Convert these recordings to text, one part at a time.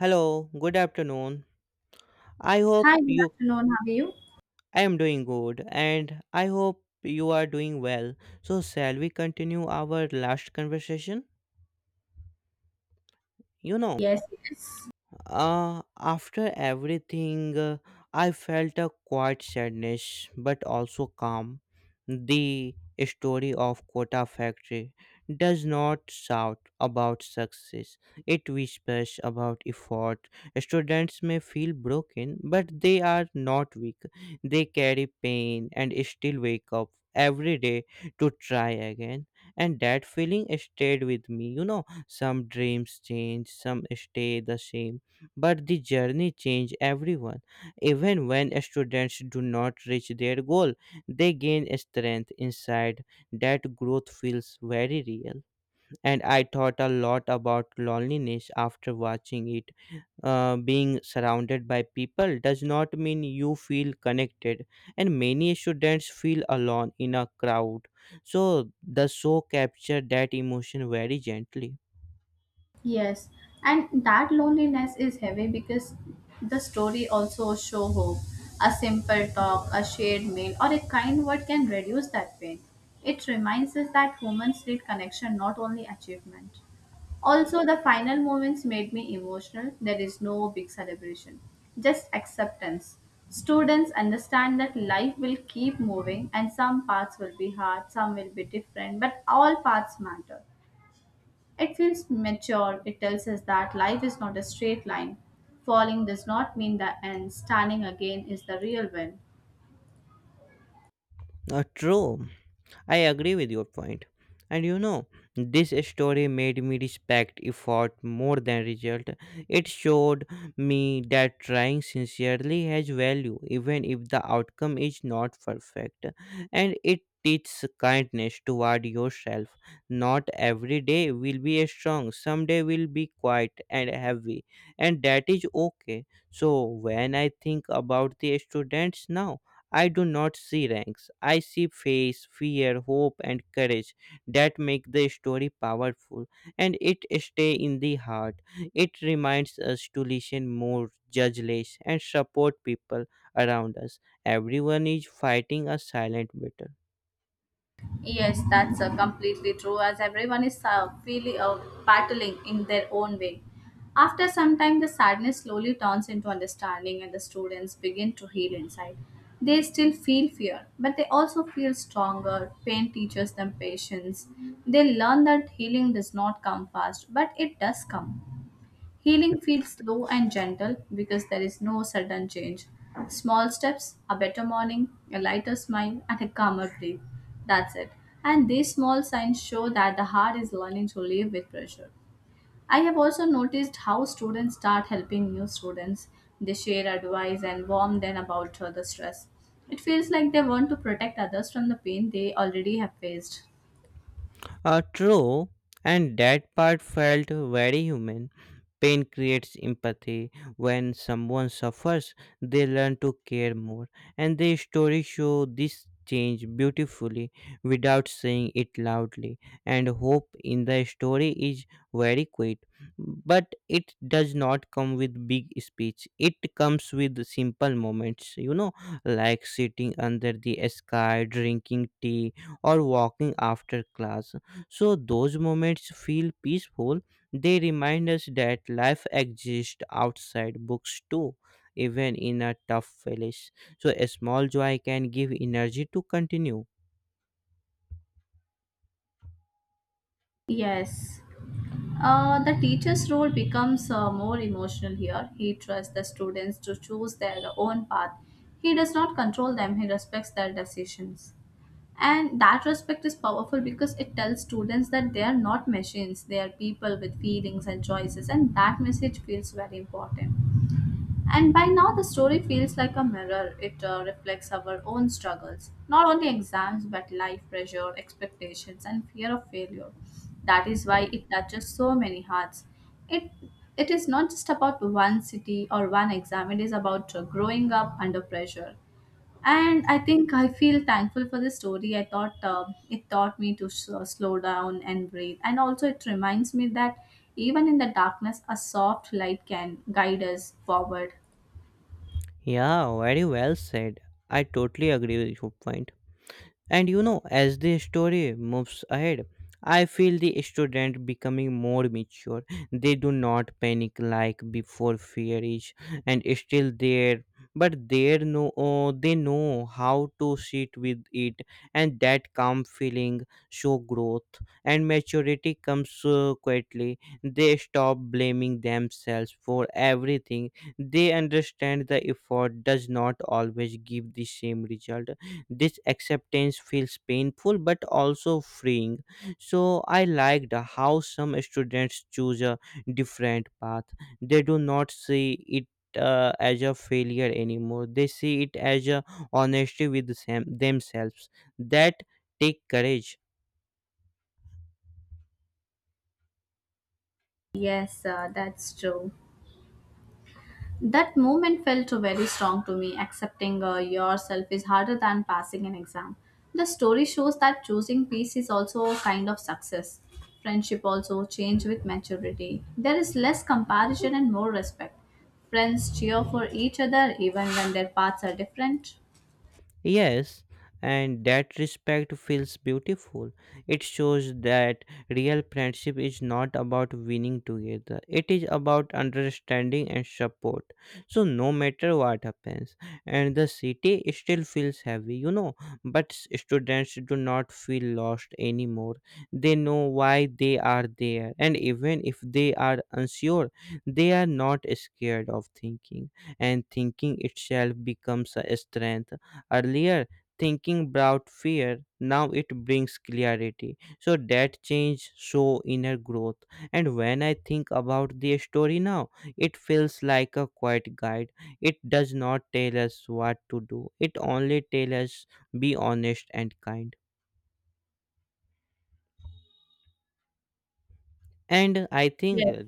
Hello, good afternoon. I Hi, hope good you afternoon. How are you? I am doing good and I hope you are doing well. So shall we continue our last conversation? You know, Yes, yes, After everything, I felt a quiet sadness but also calm. The story of Kota Factory does not shout about success, it whispers about effort. Students may feel broken, but they are not weak. They carry pain and still wake up every day to try again, and that feeling stayed with me, you know, some dreams change, some stay the same, but the journey changed everyone. Even when students do not reach their goal, they gain strength inside. That growth feels very real. And I thought a lot about loneliness after watching it. Being surrounded by people does not mean you feel connected, and many students feel alone in a crowd. So the show captured that emotion very gently. yes. And that loneliness is heavy because the story also show hope. A simple talk, a shared meal, or a kind word can reduce that pain. It reminds us that humans need connection, not only achievement. Also, the final moments made me emotional. There is no big celebration, just acceptance. Students understand that life will keep moving and some parts will be hard, some will be different, but all parts matter. It feels mature. It tells us that life is not a straight line. Falling does not mean the end, standing again is the real win. True. I agree with your point. And you know, this story made me respect effort more than result. It showed me that trying sincerely has value, even if the outcome is not perfect. And it teaches kindness toward yourself. Not every day will be strong; some day will be quiet and heavy, and that is okay. So, when I think about the students now, I do not see ranks. I see faith, fear, hope, and courage that make the story powerful and it stay in the heart. It reminds us to listen more, judge less, and support people around us. Everyone is fighting a silent battle. Yes, that's completely true. As everyone is feeling battling in their own way. After some time, the sadness slowly turns into understanding, and the students begin to heal inside. They still feel fear, but they also feel stronger. Pain teaches them patience. They learn that healing does not come fast, but it does come. Healing feels slow and gentle because there is no sudden change. Small steps, a better morning, a lighter smile, and a calmer breath. That's it. And these small signs show that the heart is learning to live with pressure. I have also noticed how students start helping new students. They share advice and warn them about the stress. It feels like they want to protect others from the pain they already have faced. True, and that part felt very human. Pain creates empathy. When someone suffers, they learn to care more, and the story show this change beautifully without saying it loudly. And hope in the story is very quiet, but it does not come with big speech. It comes with simple moments, you know, like sitting under the sky, drinking tea, or walking after class, so those moments feel peaceful. They remind us that life exists outside books too, even in a tough place. So a small joy can give energy to continue. Yes. The teacher's role becomes more emotional here. He trusts the students to choose their own path. He does not control them, he respects their decisions. And that respect is powerful because it tells students that they are not machines, they are people with feelings and choices, and that message feels very important. And by now, the story feels like a mirror. It reflects our own struggles, not only exams, but life pressure, expectations, and fear of failure. That is why it touches so many hearts. It it is not just about one city or one exam. It is about growing up under pressure. And I think I feel thankful for this story. I thought it taught me to slow down and breathe. And also, it reminds me that even in the darkness, a soft light can guide us forward. Yeah, very well said. I totally agree with your point. And you know, as the story moves ahead, I feel the student becoming more mature. They do not panic like before, fear is still there, but they know how to sit with it, and that calm feeling show growth, and maturity comes quietly. They stop blaming themselves for everything. They understand the effort does not always give the same result, this acceptance feels painful but also freeing. So I liked how some students choose a different path. They do not see it, as a failure anymore. They see it as a honesty with themselves. That take courage. Yes, that's true. That moment felt very strong to me. Accepting yourself is harder than passing an exam. The story shows that choosing peace is also a kind of success. Friendship also change with maturity. There is less comparison and more respect. Friends cheer for each other even when their paths are different. Yes, and that respect feels beautiful. It shows that real friendship is not about winning together, it is about understanding and support. So, no matter what happens, and the city still feels heavy, you know, but students do not feel lost anymore. They know why they are there, and even if they are unsure, they are not scared of thinking, and thinking itself becomes a strength. Earlier, thinking brought fear, now it brings clarity. So that change show inner growth. And when I think about the story now, it feels like a quiet guide. It does not tell us what to do. It only tells us be honest and kind. And I think, Yes.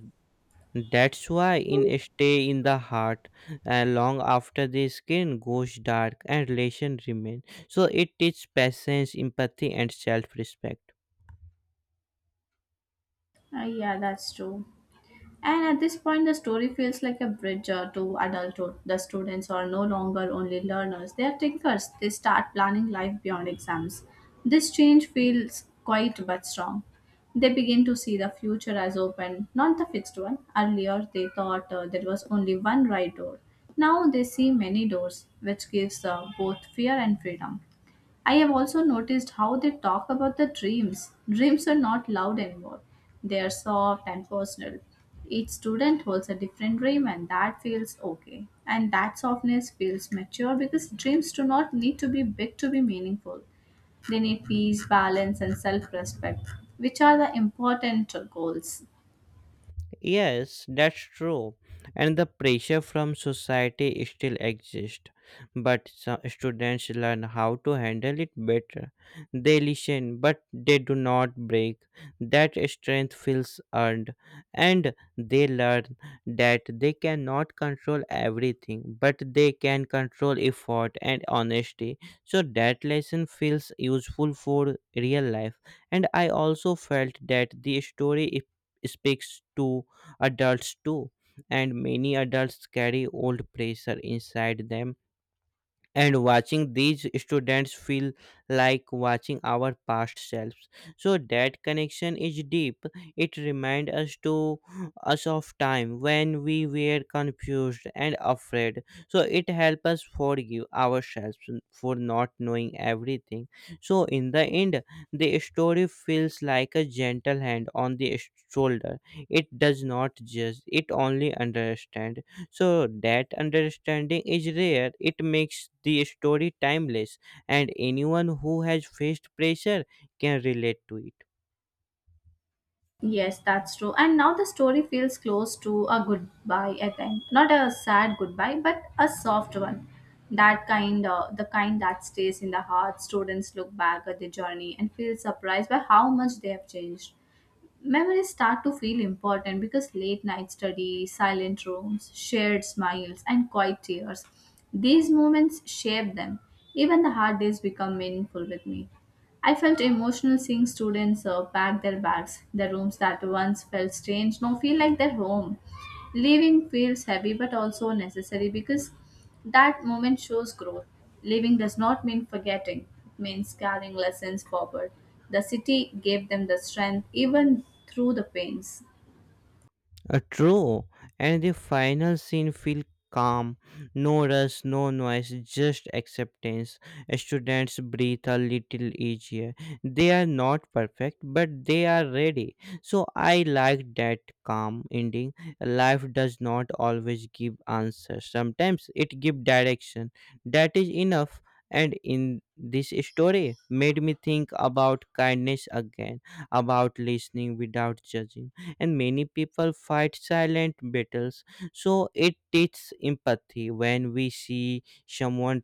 that's why in stay in the heart long after the skin goes dark and relation remain, so it teaches patience, empathy, and self-respect. Yeah, that's true. And at this point, the story feels like a bridge to adulthood. The students are no longer only learners, they are thinkers. They start planning life beyond exams. This change feels quite but strong. They begin to see the future as open, not the fixed one. Earlier, they thought there was only one right door. Now they see many doors, which gives both fear and freedom. I have also noticed how they talk about the dreams. Dreams are not loud anymore, they are soft and personal. Each student holds a different dream, and that feels okay. And that softness feels mature because dreams do not need to be big to be meaningful. They need peace, balance, and self respect, which are the important goals. Yes, that's true. And the pressure from society still exists, but some students learn how to handle it better. They listen, but they do not break. That strength feels earned, and they learn that they cannot control everything, but they can control effort and honesty. So that lesson feels useful for real life. And I also felt that the story speaks to adults too, and many adults carry old pressure inside them, and watching these students feel like watching our past selves, so that connection is deep. It reminds us to us of time when we were confused and afraid, so it helps us forgive ourselves for not knowing everything. So in the end, the story feels like a gentle hand on the shoulder, it does not judge, it only understands, so that understanding is rare. It makes the story timeless, and anyone who has faced pressure can relate to it. Yes, that's true. And now the story feels close to a goodbye, I think. Not a sad goodbye, but a soft one. The kind that stays in the heart. Students look back at the journey and feel surprised by how much they have changed. Memories start to feel important because late night study, silent rooms, shared smiles, and quiet tears. These moments shape them. Even the hard days become meaningful with me. I felt emotional seeing students pack their bags. The rooms that once felt strange now feel like their home. Leaving feels heavy but also necessary because that moment shows growth. Leaving does not mean forgetting, it means carrying lessons forward. The city gave them the strength even through the pains. True, and the final scene feel calm, no rush, no noise, just acceptance. Students breathe a little easier. They are not perfect, but they are ready. So I like that calm ending. Life does not always give answers. Sometimes it gives direction. That is enough. And in this story, made me think about kindness again, about listening without judging, and many people fight silent battles, so it teaches empathy. When we see someone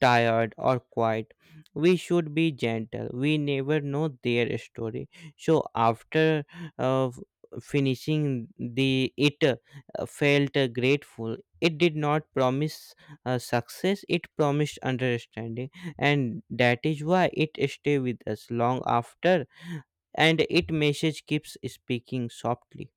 tired or quiet, we should be gentle, we never know their story. So after uh, f- finishing the it felt grateful, it did not promise success, it promised understanding, and that is why it stay with us long after, and it message keeps speaking softly.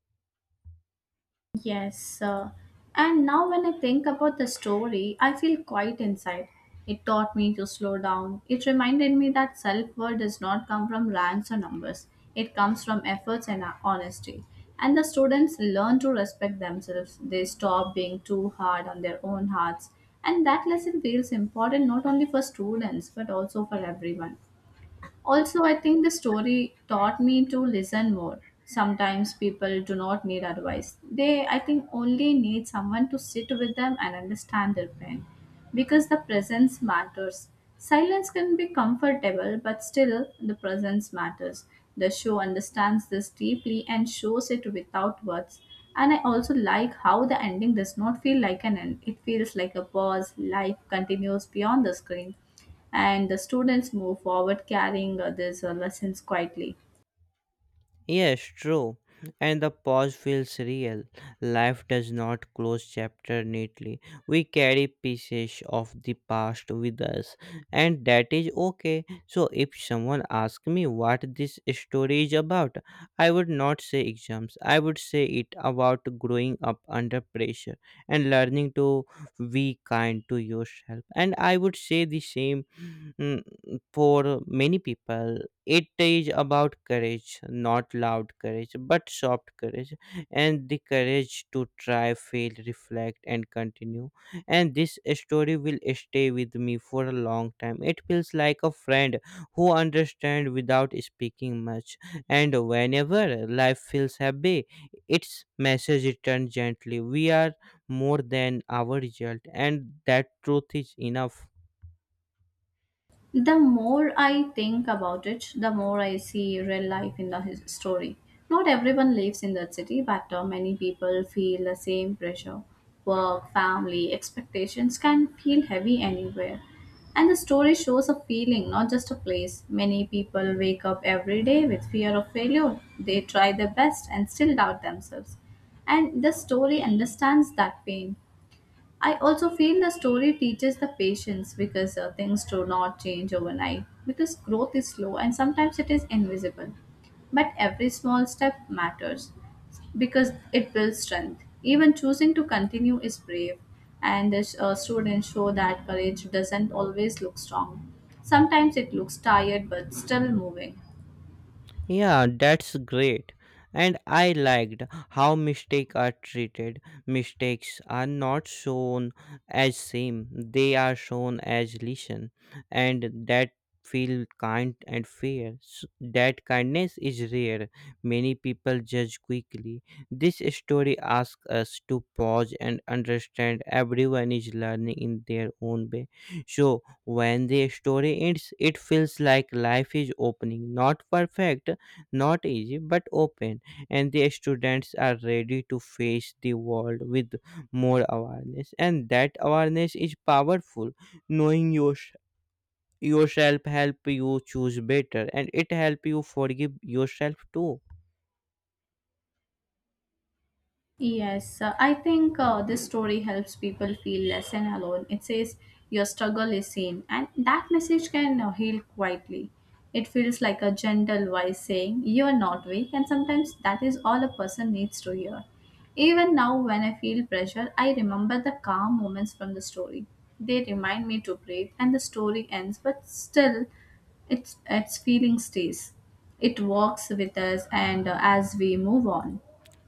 Yes, and now when I think about the story, I feel quiet inside. It taught me to slow down. It reminded me that self worth does not come from ranks or numbers, it comes from efforts and honesty. And the students learn to respect themselves. They stop being too hard on their own hearts. And that lesson feels important not only for students but also for everyone. Also, I think the story taught me to listen more. Sometimes people do not need advice. They, I think, only need someone to sit with them and understand their pain because the presence matters. Silence can be comfortable, but still, the presence matters. The show understands this deeply and shows it without words. And I also like how the ending does not feel like an end, it feels like a pause, life continues beyond the screen and the students move forward carrying these lessons quietly. Yes, true. And the pause feels real. Life does not close chapter neatly. We carry pieces of the past with us, and that is okay. So if someone asks me what this story is about, I would not say exams. I would say it about growing up under pressure and learning to be kind to yourself. And I would say the same, mm, for many people it is about courage, not loud courage, but soft courage, and the courage to try, fail, reflect, and continue. And this story will stay with me for a long time. It feels like a friend who understands without speaking much. And whenever life feels heavy, its message returns gently. We are more than our result, and that truth is enough. The more I think about it, the more I see real life in the story. Not everyone lives in that city, but many people feel the same pressure. Work, family, expectations can feel heavy anywhere. And the story shows a feeling, not just a place. Many people wake up every day with fear of failure. They try their best and still doubt themselves. And the story understands that pain. I also feel the story teaches the patience because things do not change overnight, because growth is slow and sometimes it is invisible. But every small step matters because it builds strength. Even choosing to continue is brave, and the students show that courage doesn't always look strong. Sometimes it looks tired but still moving. Yeah, that's great. And I liked how mistakes are treated. Mistakes are not shown as shame, they are shown as lesson, and that feel kind and fair. That kindness is rare. Many people judge quickly. This story asks us to pause and understand everyone is learning in their own way. So when the story ends, it feels like life is opening, not perfect, not easy, but open, and the students are ready to face the world with more awareness, and that awareness is powerful. Knowing yourself help you choose better, and it help you forgive yourself too. Yes, I think this story helps people feel less and alone. It says your struggle is seen, and that message can heal quietly. It feels like a gentle voice saying, "You're not weak," and sometimes that is all a person needs to hear. Even now, when I feel pressure, I remember the calm moments from the story. They remind me to breathe, and the story ends, but still, its feeling stays. It walks with us, and as we move on.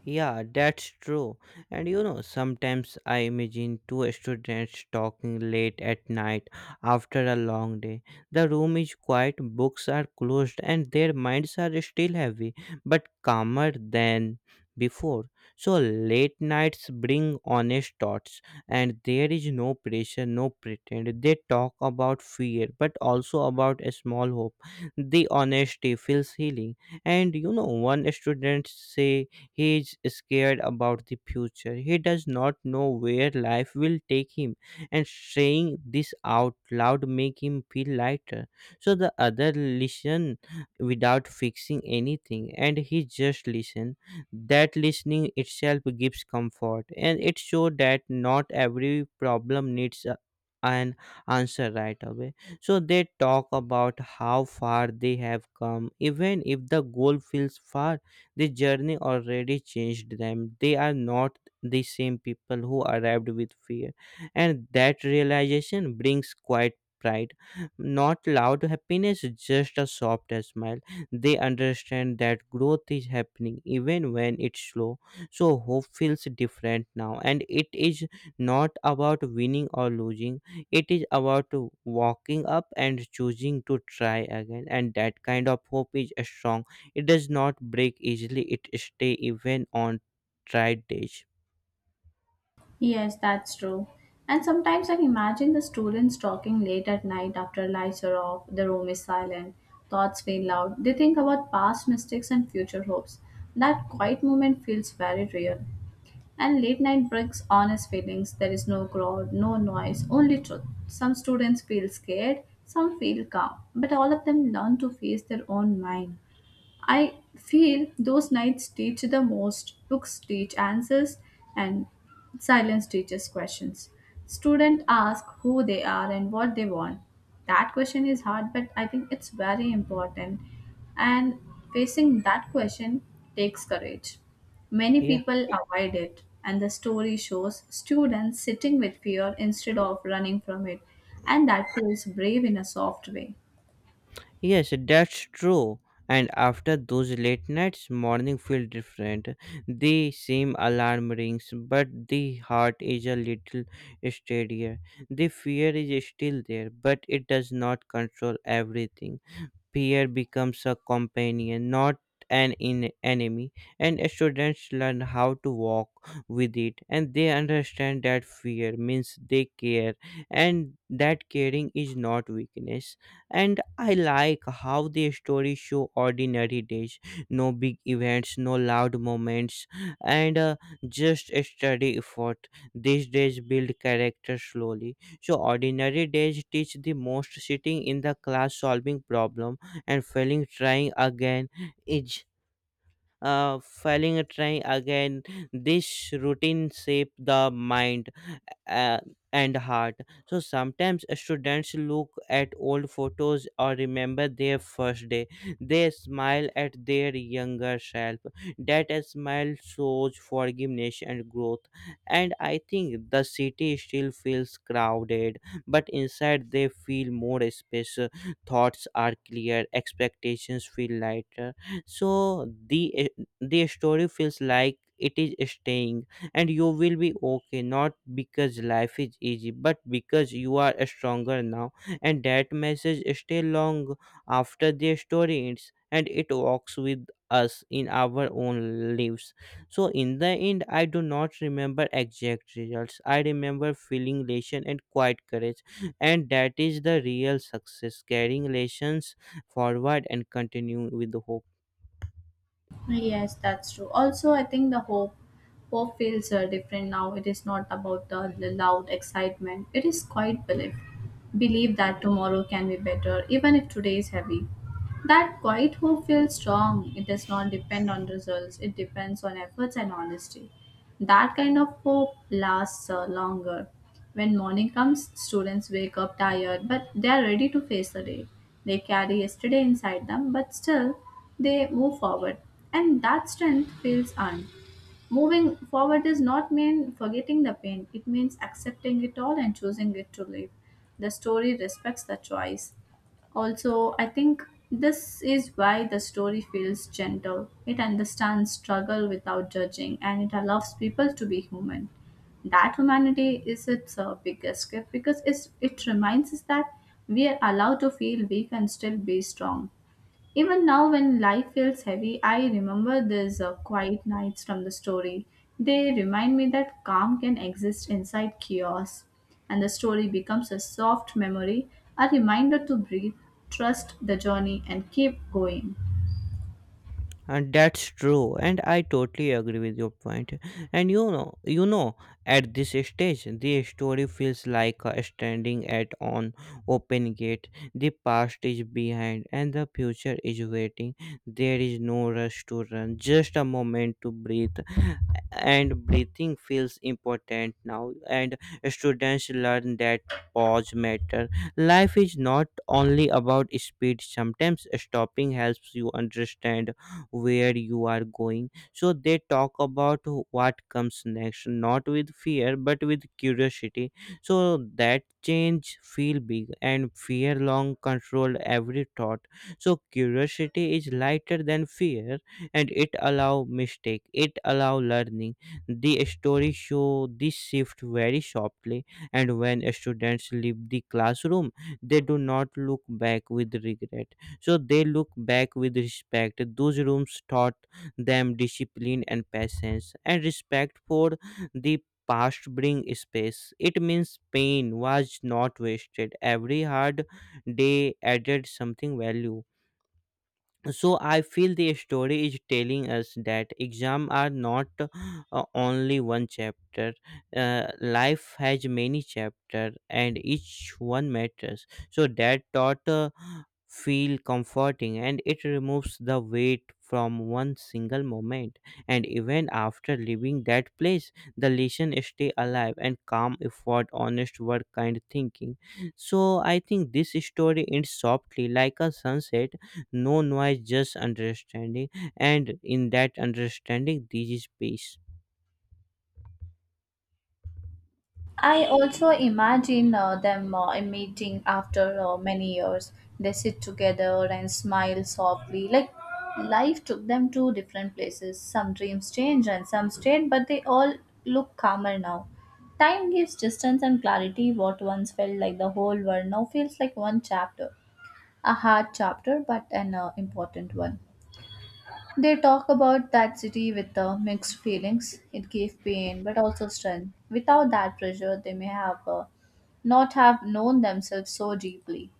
Yeah, that's true. And you know, sometimes I imagine two students talking late at night after a long day. The room is quiet, books are closed, and their minds are still heavy, but calmer than before. So, late nights bring honest thoughts, and there is no pressure, no pretend. They talk about fear, but also about a small hope. The honesty feels healing. And you know, one student say, he is scared about the future. He does not know where life will take him, and saying this out loud make him feel lighter. So the other listen without fixing anything, and he just listen. That listening itself gives comfort, and it shows that not every problem needs an answer right away. So they talk about how far they have come, even if the goal feels far, the journey already changed them. They are not the same people who arrived with fear. And that realization brings quiet pride. Not loud happiness, just a soft smile. They understand that growth is happening even when it's slow. So hope feels different now. And it is not about winning or losing, it is about walking up and choosing to try again, and that kind of hope is strong, it does not break easily. It stay even on tried days. Yes, that's true. And sometimes I imagine the students talking late at night after lights are off, the room is silent, thoughts feel loud. They think about past mistakes and future hopes. That quiet moment feels very real. And late night brings honest feelings. There is no crowd, no noise, only truth. Some students feel scared, some feel calm, but all of them learn to face their own mind. I feel those nights teach the most. Books teach answers and silence teaches questions. Students ask who they are and what they want. That question is hard, but I think it's very important. And facing that question takes courage. Many Yeah. people avoid it, and the story shows students sitting with fear instead of running from it, and that feels brave in a soft way. Yes, that's true. And after those late nights, morning feel different. The same alarm rings, but the heart is a little steadier. The fear is still there, but it does not control everything. Peer becomes a companion, not an enemy, and students learn how to walk with it, and they understand that fear means they care and that caring is not weakness. And I like how the stories show ordinary days, no big events, no loud moments, and just a steady effort. These days build character slowly, so ordinary days teach the most, sitting in the class solving problem and failing, trying again is failing a try again. This routine shape the mind uh, and heart. So sometimes students look at old photos or remember their first day, they smile at their younger self. That smile shows forgiveness and growth. And I think the city still feels crowded, but inside they feel more space. Thoughts are clear, expectations feel lighter. So the story feels like it is staying, and you will be okay, not because life is easy but because you are stronger now. And that message stay long after the story ends, and it walks with us in our own lives. So in the end, I do not remember exact results, I remember feeling elation and quiet courage. And that is the real success, carrying lessons forward and continue with hope. Yes, that's true. Also, I think the hope feels different now. It is not about the loud excitement. It is quite belief. Believe that tomorrow can be better, even if today is heavy. That quiet hope feels strong. It does not depend on results. It depends on efforts and honesty. That kind of hope lasts longer. When morning comes, students wake up tired, but they are ready to face the day. They carry yesterday inside them, but still they move forward. And that strength feels earned. Moving forward does not mean forgetting the pain, it means accepting it all and choosing it to live. The story respects the choice. Also, I think this is why the story feels gentle. It understands struggle without judging and it allows people to be human. That humanity is its biggest gift because it reminds us that we are allowed to feel weak and still be strong. Even now, when life feels heavy, I remember these quiet nights from the story. They remind me that calm can exist inside chaos, and the story becomes a soft memory, a reminder to breathe, trust the journey, and keep going. And that's true, and I totally agree with your point. And at this stage, the story feels like standing at an open gate. The past is behind, and the future is waiting. There is no rush to run, just a moment to breathe. And breathing feels important now, and students learn that pause matter. Life is not only about speed. Sometimes stopping helps you understand where you are going. So they talk about what comes next, not with fear but with curiosity. So that change feel big and fear long controlled every thought, so curiosity is lighter than fear, and it allow mistake, it allow learning. The story show this shift very sharply. And when students leave the classroom, they do not look back with regret, so they look back with respect. Those rooms taught them discipline and patience, and respect for the past bring space. It means pain was not wasted. Every hard day added something value. So I feel the story is telling us that exam are not only one chapter. Life has many chapter and each one matters. So that thought feel comforting, and it removes the weight from one single moment. And even after leaving that place, the lesson stay alive, and calm effort, honest work, kind thinking. So I think this story ends softly like a sunset, no noise, just understanding. And in that understanding there is peace. I also imagine them meeting after many years. They sit together and smile softly. Like life took them to different places. Some dreams changed and some stayed, but they all look calmer now. Time gives distance and clarity. What once felt like the whole world now feels like one chapter. A hard chapter, but an important one. They talk about that city with mixed feelings. It gave pain, but also strength. Without that pressure, they may have not have known themselves so deeply.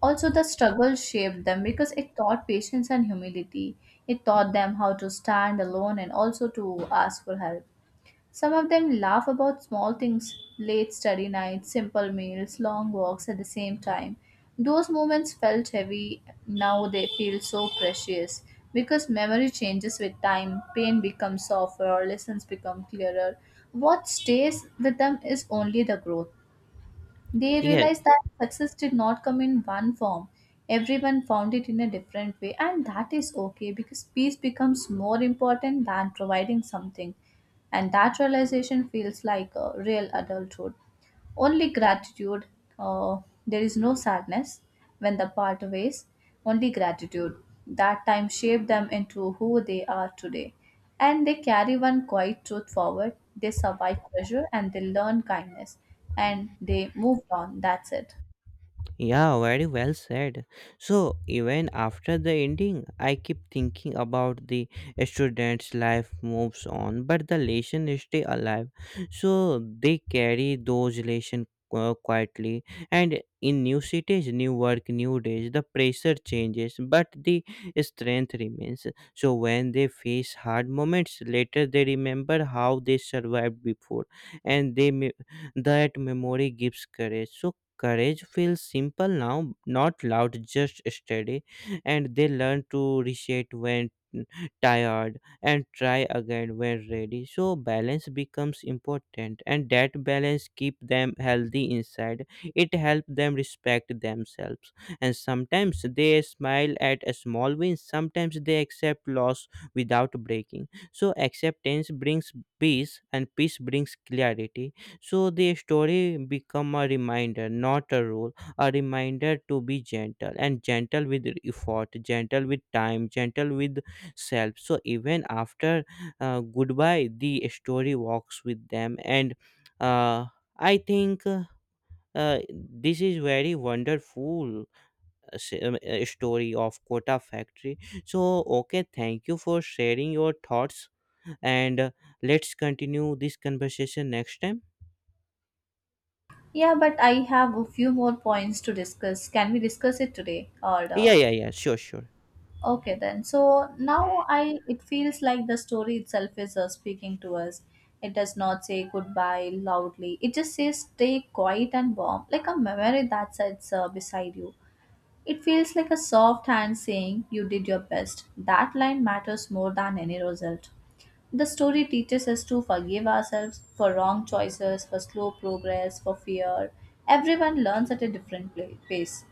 Also, the struggle shaped them because it taught patience and humility. It taught them how to stand alone and also to ask for help. Some of them laugh about small things: late study nights, simple meals, long walks at the same time. Those moments felt heavy, now they feel so precious. Because memory changes with time, pain becomes softer, or lessons become clearer. What stays with them is only the growth. They Yes. realized that success did not come in one form. Everyone found it in a different way, and that is okay because peace becomes more important than providing something. And that realization feels like a real adulthood, only gratitude. uh, there is no sadness when the part ways, only gratitude that time shaped them into who they are today, and they carry one quiet truth forward: they survive pressure and they learn kindness, and they move on. That's it. Yeah, very well said. So, even after the ending, I keep thinking about the student's life moves on, but the lesson stay alive. So, they carry those lessons quietly. And in new cities, new work, new days, the pressure changes, but the strength remains. So, when they face hard moments later, they remember how they survived before, and that memory gives courage. So, courage feels simple now, not loud, just steady, and they learn to reset when tired and try again when ready. So balance becomes important, and that balance keep them healthy inside. It helps them respect themselves, and sometimes they smile at a small win. Sometimes they accept loss without breaking. So acceptance brings peace, and peace brings clarity. So the story become a reminder, not a rule, a reminder to be gentle and gentle with effort, gentle with time, gentle with self. So even after goodbye, the story walks with them. And uh, I think this is very wonderful story of Kota Factory. So okay, thank you for sharing your thoughts, and let's continue this conversation next time. Yeah, but I have a few more points to discuss. Can we discuss it today or Yeah, uh, yeah, yeah, sure, sure. Okay, then. So now I it feels like the story itself is speaking to us. It does not say goodbye loudly. It just says stay quiet and warm, like a memory that sits beside you. It feels like a soft hand saying you did your best. That line matters more than any result. The story teaches us to forgive ourselves for wrong choices, for slow progress, for fear. Everyone learns at a different pace.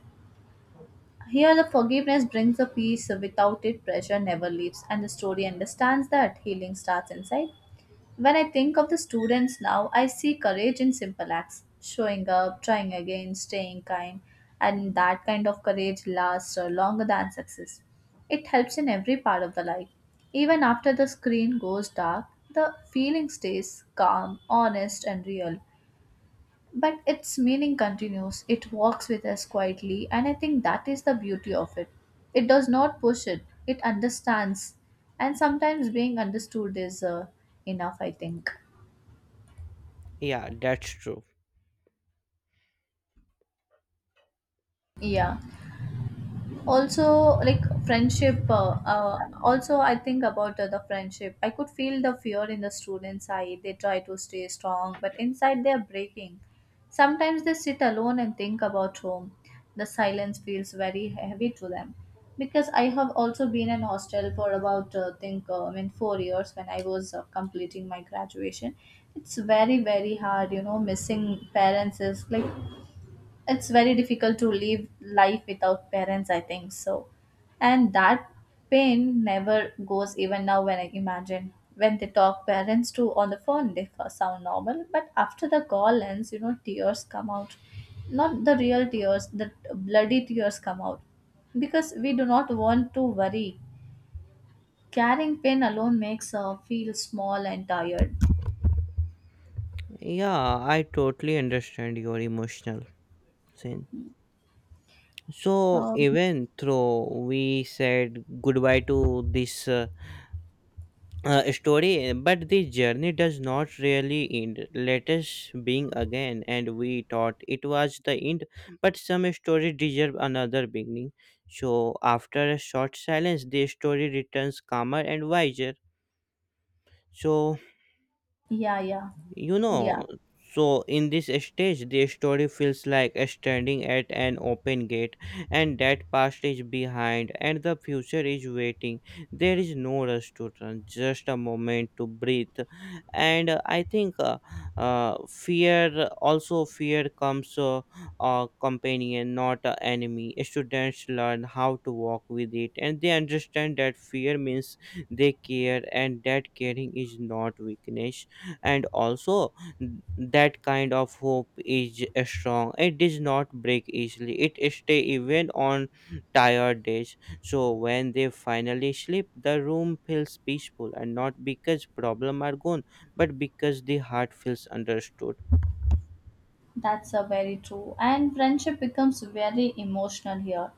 Here, the forgiveness brings a peace. Without it, pressure never leaves, and the story understands that healing starts inside. When I think of the students now, I see courage in simple acts: showing up, trying again, staying kind, and that kind of courage lasts longer than success. It helps in every part of the life. Even after the screen goes dark, the feeling stays calm, honest, and real. But its meaning continues, it walks with us quietly, and I think that is the beauty of it. It does not push it, it understands, and sometimes being understood is enough, I think. Yeah, that's true. Yeah. Also, like friendship also I think about the friendship. I could feel the fear in the students eye. They try to stay strong, but inside they are breaking. Sometimes they sit alone and think about home. The silence feels very heavy to them, because I have also been in hostel for about think I mean 4 years when I was completing my graduation. It's very hard, you know. Missing parents is like, it's very difficult to live life without parents, I think so. And that pain never goes, even now when I imagine when they talk parents to on the phone, they sound normal, but after the call ends, you know, tears come out. Not the real tears, the bloody tears come out, because we do not want to worry. Carrying pain alone makes feel small and tired. Yeah, I totally understand your emotional scene. So, um, even though we said goodbye to this story, but the journey does not really end. Let us being again, and we thought it was the end, but some stories deserve another beginning. So, after a short silence, the story returns calmer and wiser. So, yeah yeah you yeah know, so in this stage the story feels like standing at an open gate, and that past is behind and the future is waiting. There is no rush to run, just a moment to breathe. And I think fear also, fear comes a companion, not an enemy. Students learn how to walk with it, and they understand that fear means they care and that caring is not weakness. And also that kind of hope is strong, it does not break easily, it stay even on tired days. So when they finally sleep, the room feels peaceful, and not because problem are gone, but because the heart feels understood. That's a very true. And friendship becomes very emotional here.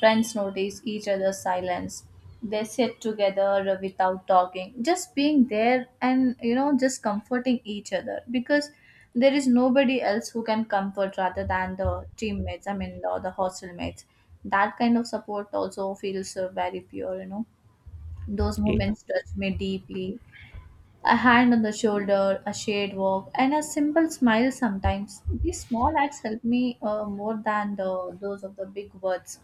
Friends notice each other's silence. They sit together without talking, just being there, and you know, just comforting each other, because there is nobody else who can comfort rather than the teammates. I mean, the hostel mates. That kind of support also feels very pure, you know. Those moments touch me deeply: a hand on the shoulder, a shared walk, and a simple smile sometimes. These small acts help me more than those of the big words.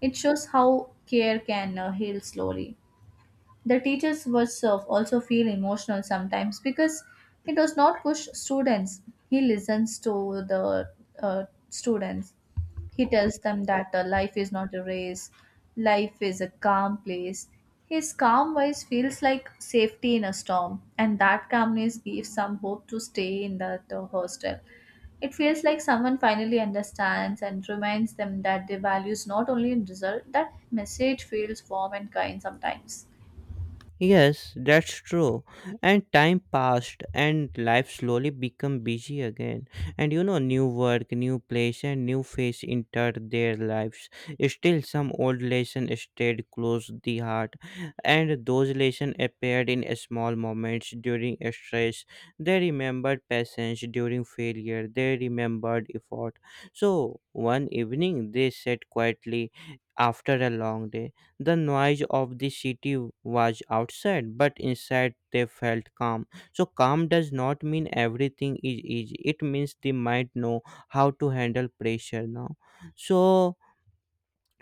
It shows how care can heal slowly. The teachers yourself also feel emotional sometimes, because he does not push students. He listens to the students. He tells them that life is not a race, life is a calm place. His calm voice feels like safety in a storm, and that calmness gives some hope to stay in that hostel. It feels like someone finally understands and reminds them that their values not only in result, that message feels warm and kind sometimes. Yes, that's true. And time passed, and life slowly become busy again. And you know, new work, new place, and new face entered their lives. Still, some old lesson stayed close the heart, and those lessons appeared in small moments during stress. They remembered patience during failure. They remembered effort. So one evening, they sat quietly after a long day. The noise of the city was outside, but inside they felt calm. So, calm does not mean everything is easy, it means they might know how to handle pressure now. So,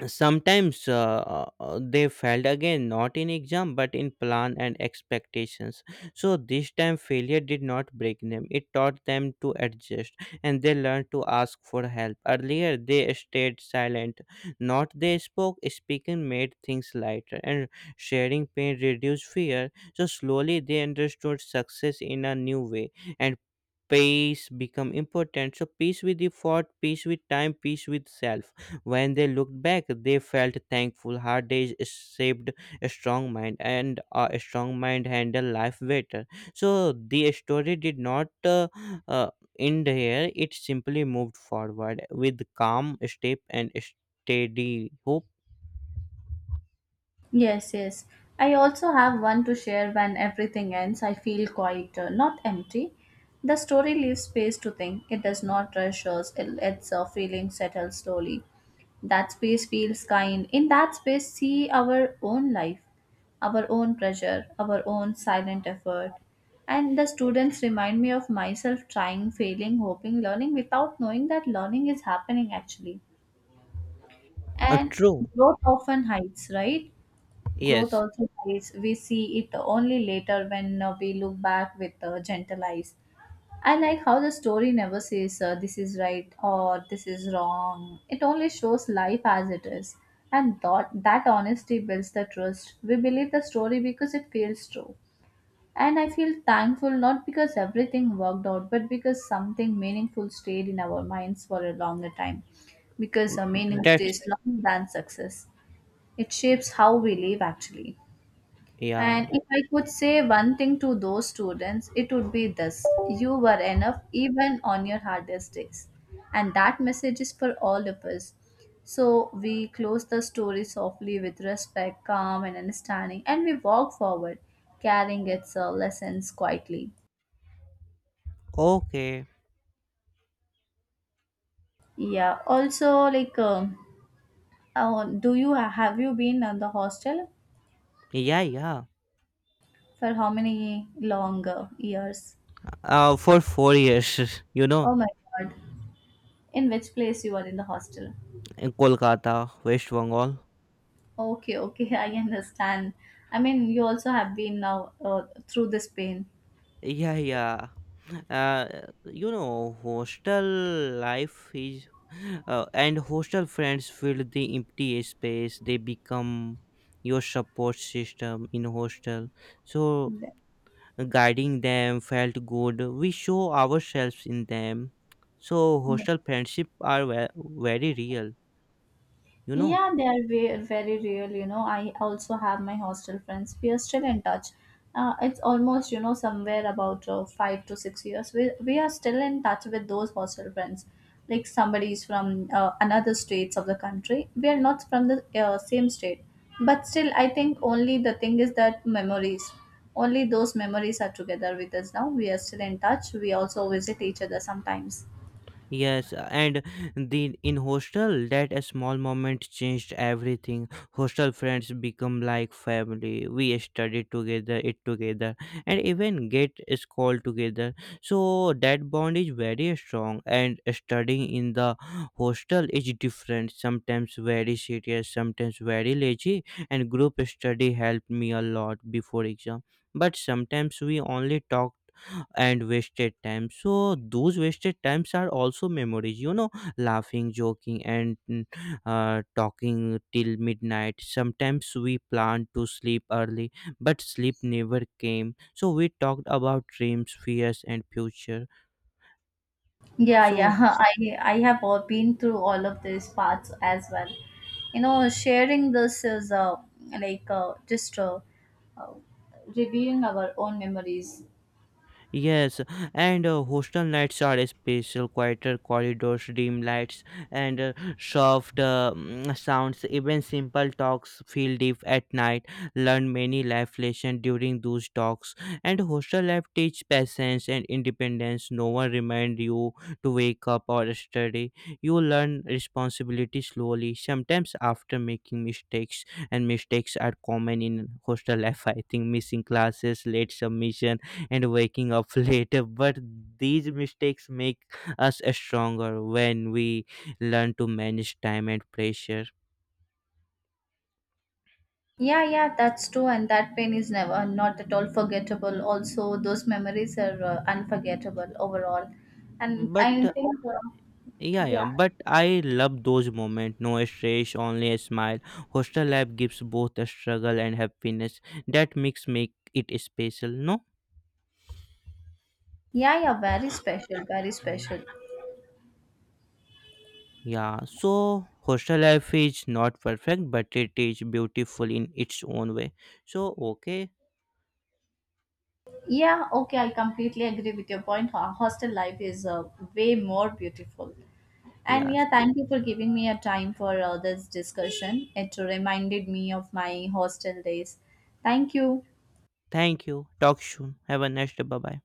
sometimes they failed again, not in exam but in plan and expectations. So this time failure did not break them, it taught them to adjust. And they learned to ask for help earlier, they stayed silent, not they spoke, speaking made things lighter, and sharing pain reduced fear. So slowly they understood success in a new way. And peace become important, so peace with effort, peace with time, peace with self. When they looked back, they felt thankful, hard days shaped a strong mind, and a strong mind handle life better. So the story did not uh, uh, end here, it simply moved forward with calm step and steady hope. Yes, yes. I also have one to share. When everything ends, I feel quieter, not empty. The story leaves space to think. It does not rush us, it lets our feelings settle slowly. That space feels kind. In that space, see our own life, our own pressure, our own silent effort. And the students remind me of myself: trying, failing, hoping, learning without knowing that learning is happening actually. And True. growth often hides, right? Growth Yes. also lies, we see it only later when we look back with gentle eyes. I like how the story never says this is right or this is wrong. It only shows life as it is. And that honesty builds the trust. We believe the story because it feels true. And I feel thankful, not because everything worked out, but because something meaningful stayed in our minds for a longer time. Because meaning That's stays longer than success. It shapes how we live actually. yeah. And if I could say one thing to those students, it would be this: you were enough even on your hardest days. And that message is for all of us. So we close the story softly with respect, calm, and understanding, and we walk forward, carrying its lessons quietly. Okay. Yeah, also, like, do you have you been on the hostel Yeah, yeah. for how many long years? For 4 years you know. Oh my god, in which place you are in the hostel? In Kolkata, West Bengal. Okay, okay, I understand. I mean, you also have been now through this pain. Yeah, yeah. Uh, you know, hostel life is, and hostel friends fill the empty space. They become your support system in hostel. So Yeah. guiding them felt good. We show ourselves in them. So hostel friendship are very real. You know. Yeah, they are very real. You know, I also have my hostel friends. We are still in touch. It's almost, you know, somewhere about 5 to 6 years. We are still in touch with those hostel friends. Like somebody is from another states of the country. We are not from the same state. But still, I think only the thing is that memories. Only those memories are together with us now. We are still in touch. We also visit each other sometimes. Yes, and the in hostel that a small moment changed everything. Hostel friends become like family. We studied together, eat together, and even get school together. So that bond is very strong. And studying in the hostel is different. Sometimes very serious, sometimes very lazy. And group study helped me a lot before exam. But sometimes we only talk and wasted time, so those wasted times are also memories, you know, laughing, joking, and talking till midnight. Sometimes we planned to sleep early, but sleep never came, so we talked about dreams, fears and future. Yeah, So yeah. I have all been through all of these parts as well. You know, sharing this is like just uh, reviewing our own memories. yes, and hostel nights are special, quieter corridors, dim lights, and soft sounds. Even simple talks feel deep at night. Learn many life lessons during those talks. And hostel life teach patience and independence. No one remind you to wake up or study. You learn responsibility slowly, sometimes after making mistakes. And mistakes are common in hostel life. I think missing classes, late submission and waking up later. But these mistakes make us stronger when we learn to manage time and pressure. Yeah, yeah, that's true, and that pain is never not at all forgettable. Also, those memories are unforgettable overall, and But I think Yeah, yeah, yeah, but I love those moments. No stress, only a smile. Hostel life gives both a struggle and happiness. That mix make it special, no? yeah, yeah, very special, very Mm. special. Yeah, so hostel life is not perfect, but it is beautiful in its own way. So, okay, Yeah, okay, I completely agree with your point. Hostel life is way more beautiful. And yes, yeah, thank you for giving me a time for this discussion. It reminded me of my hostel days. Thank you. thank you. Talk soon. Have a nice day. Bye bye.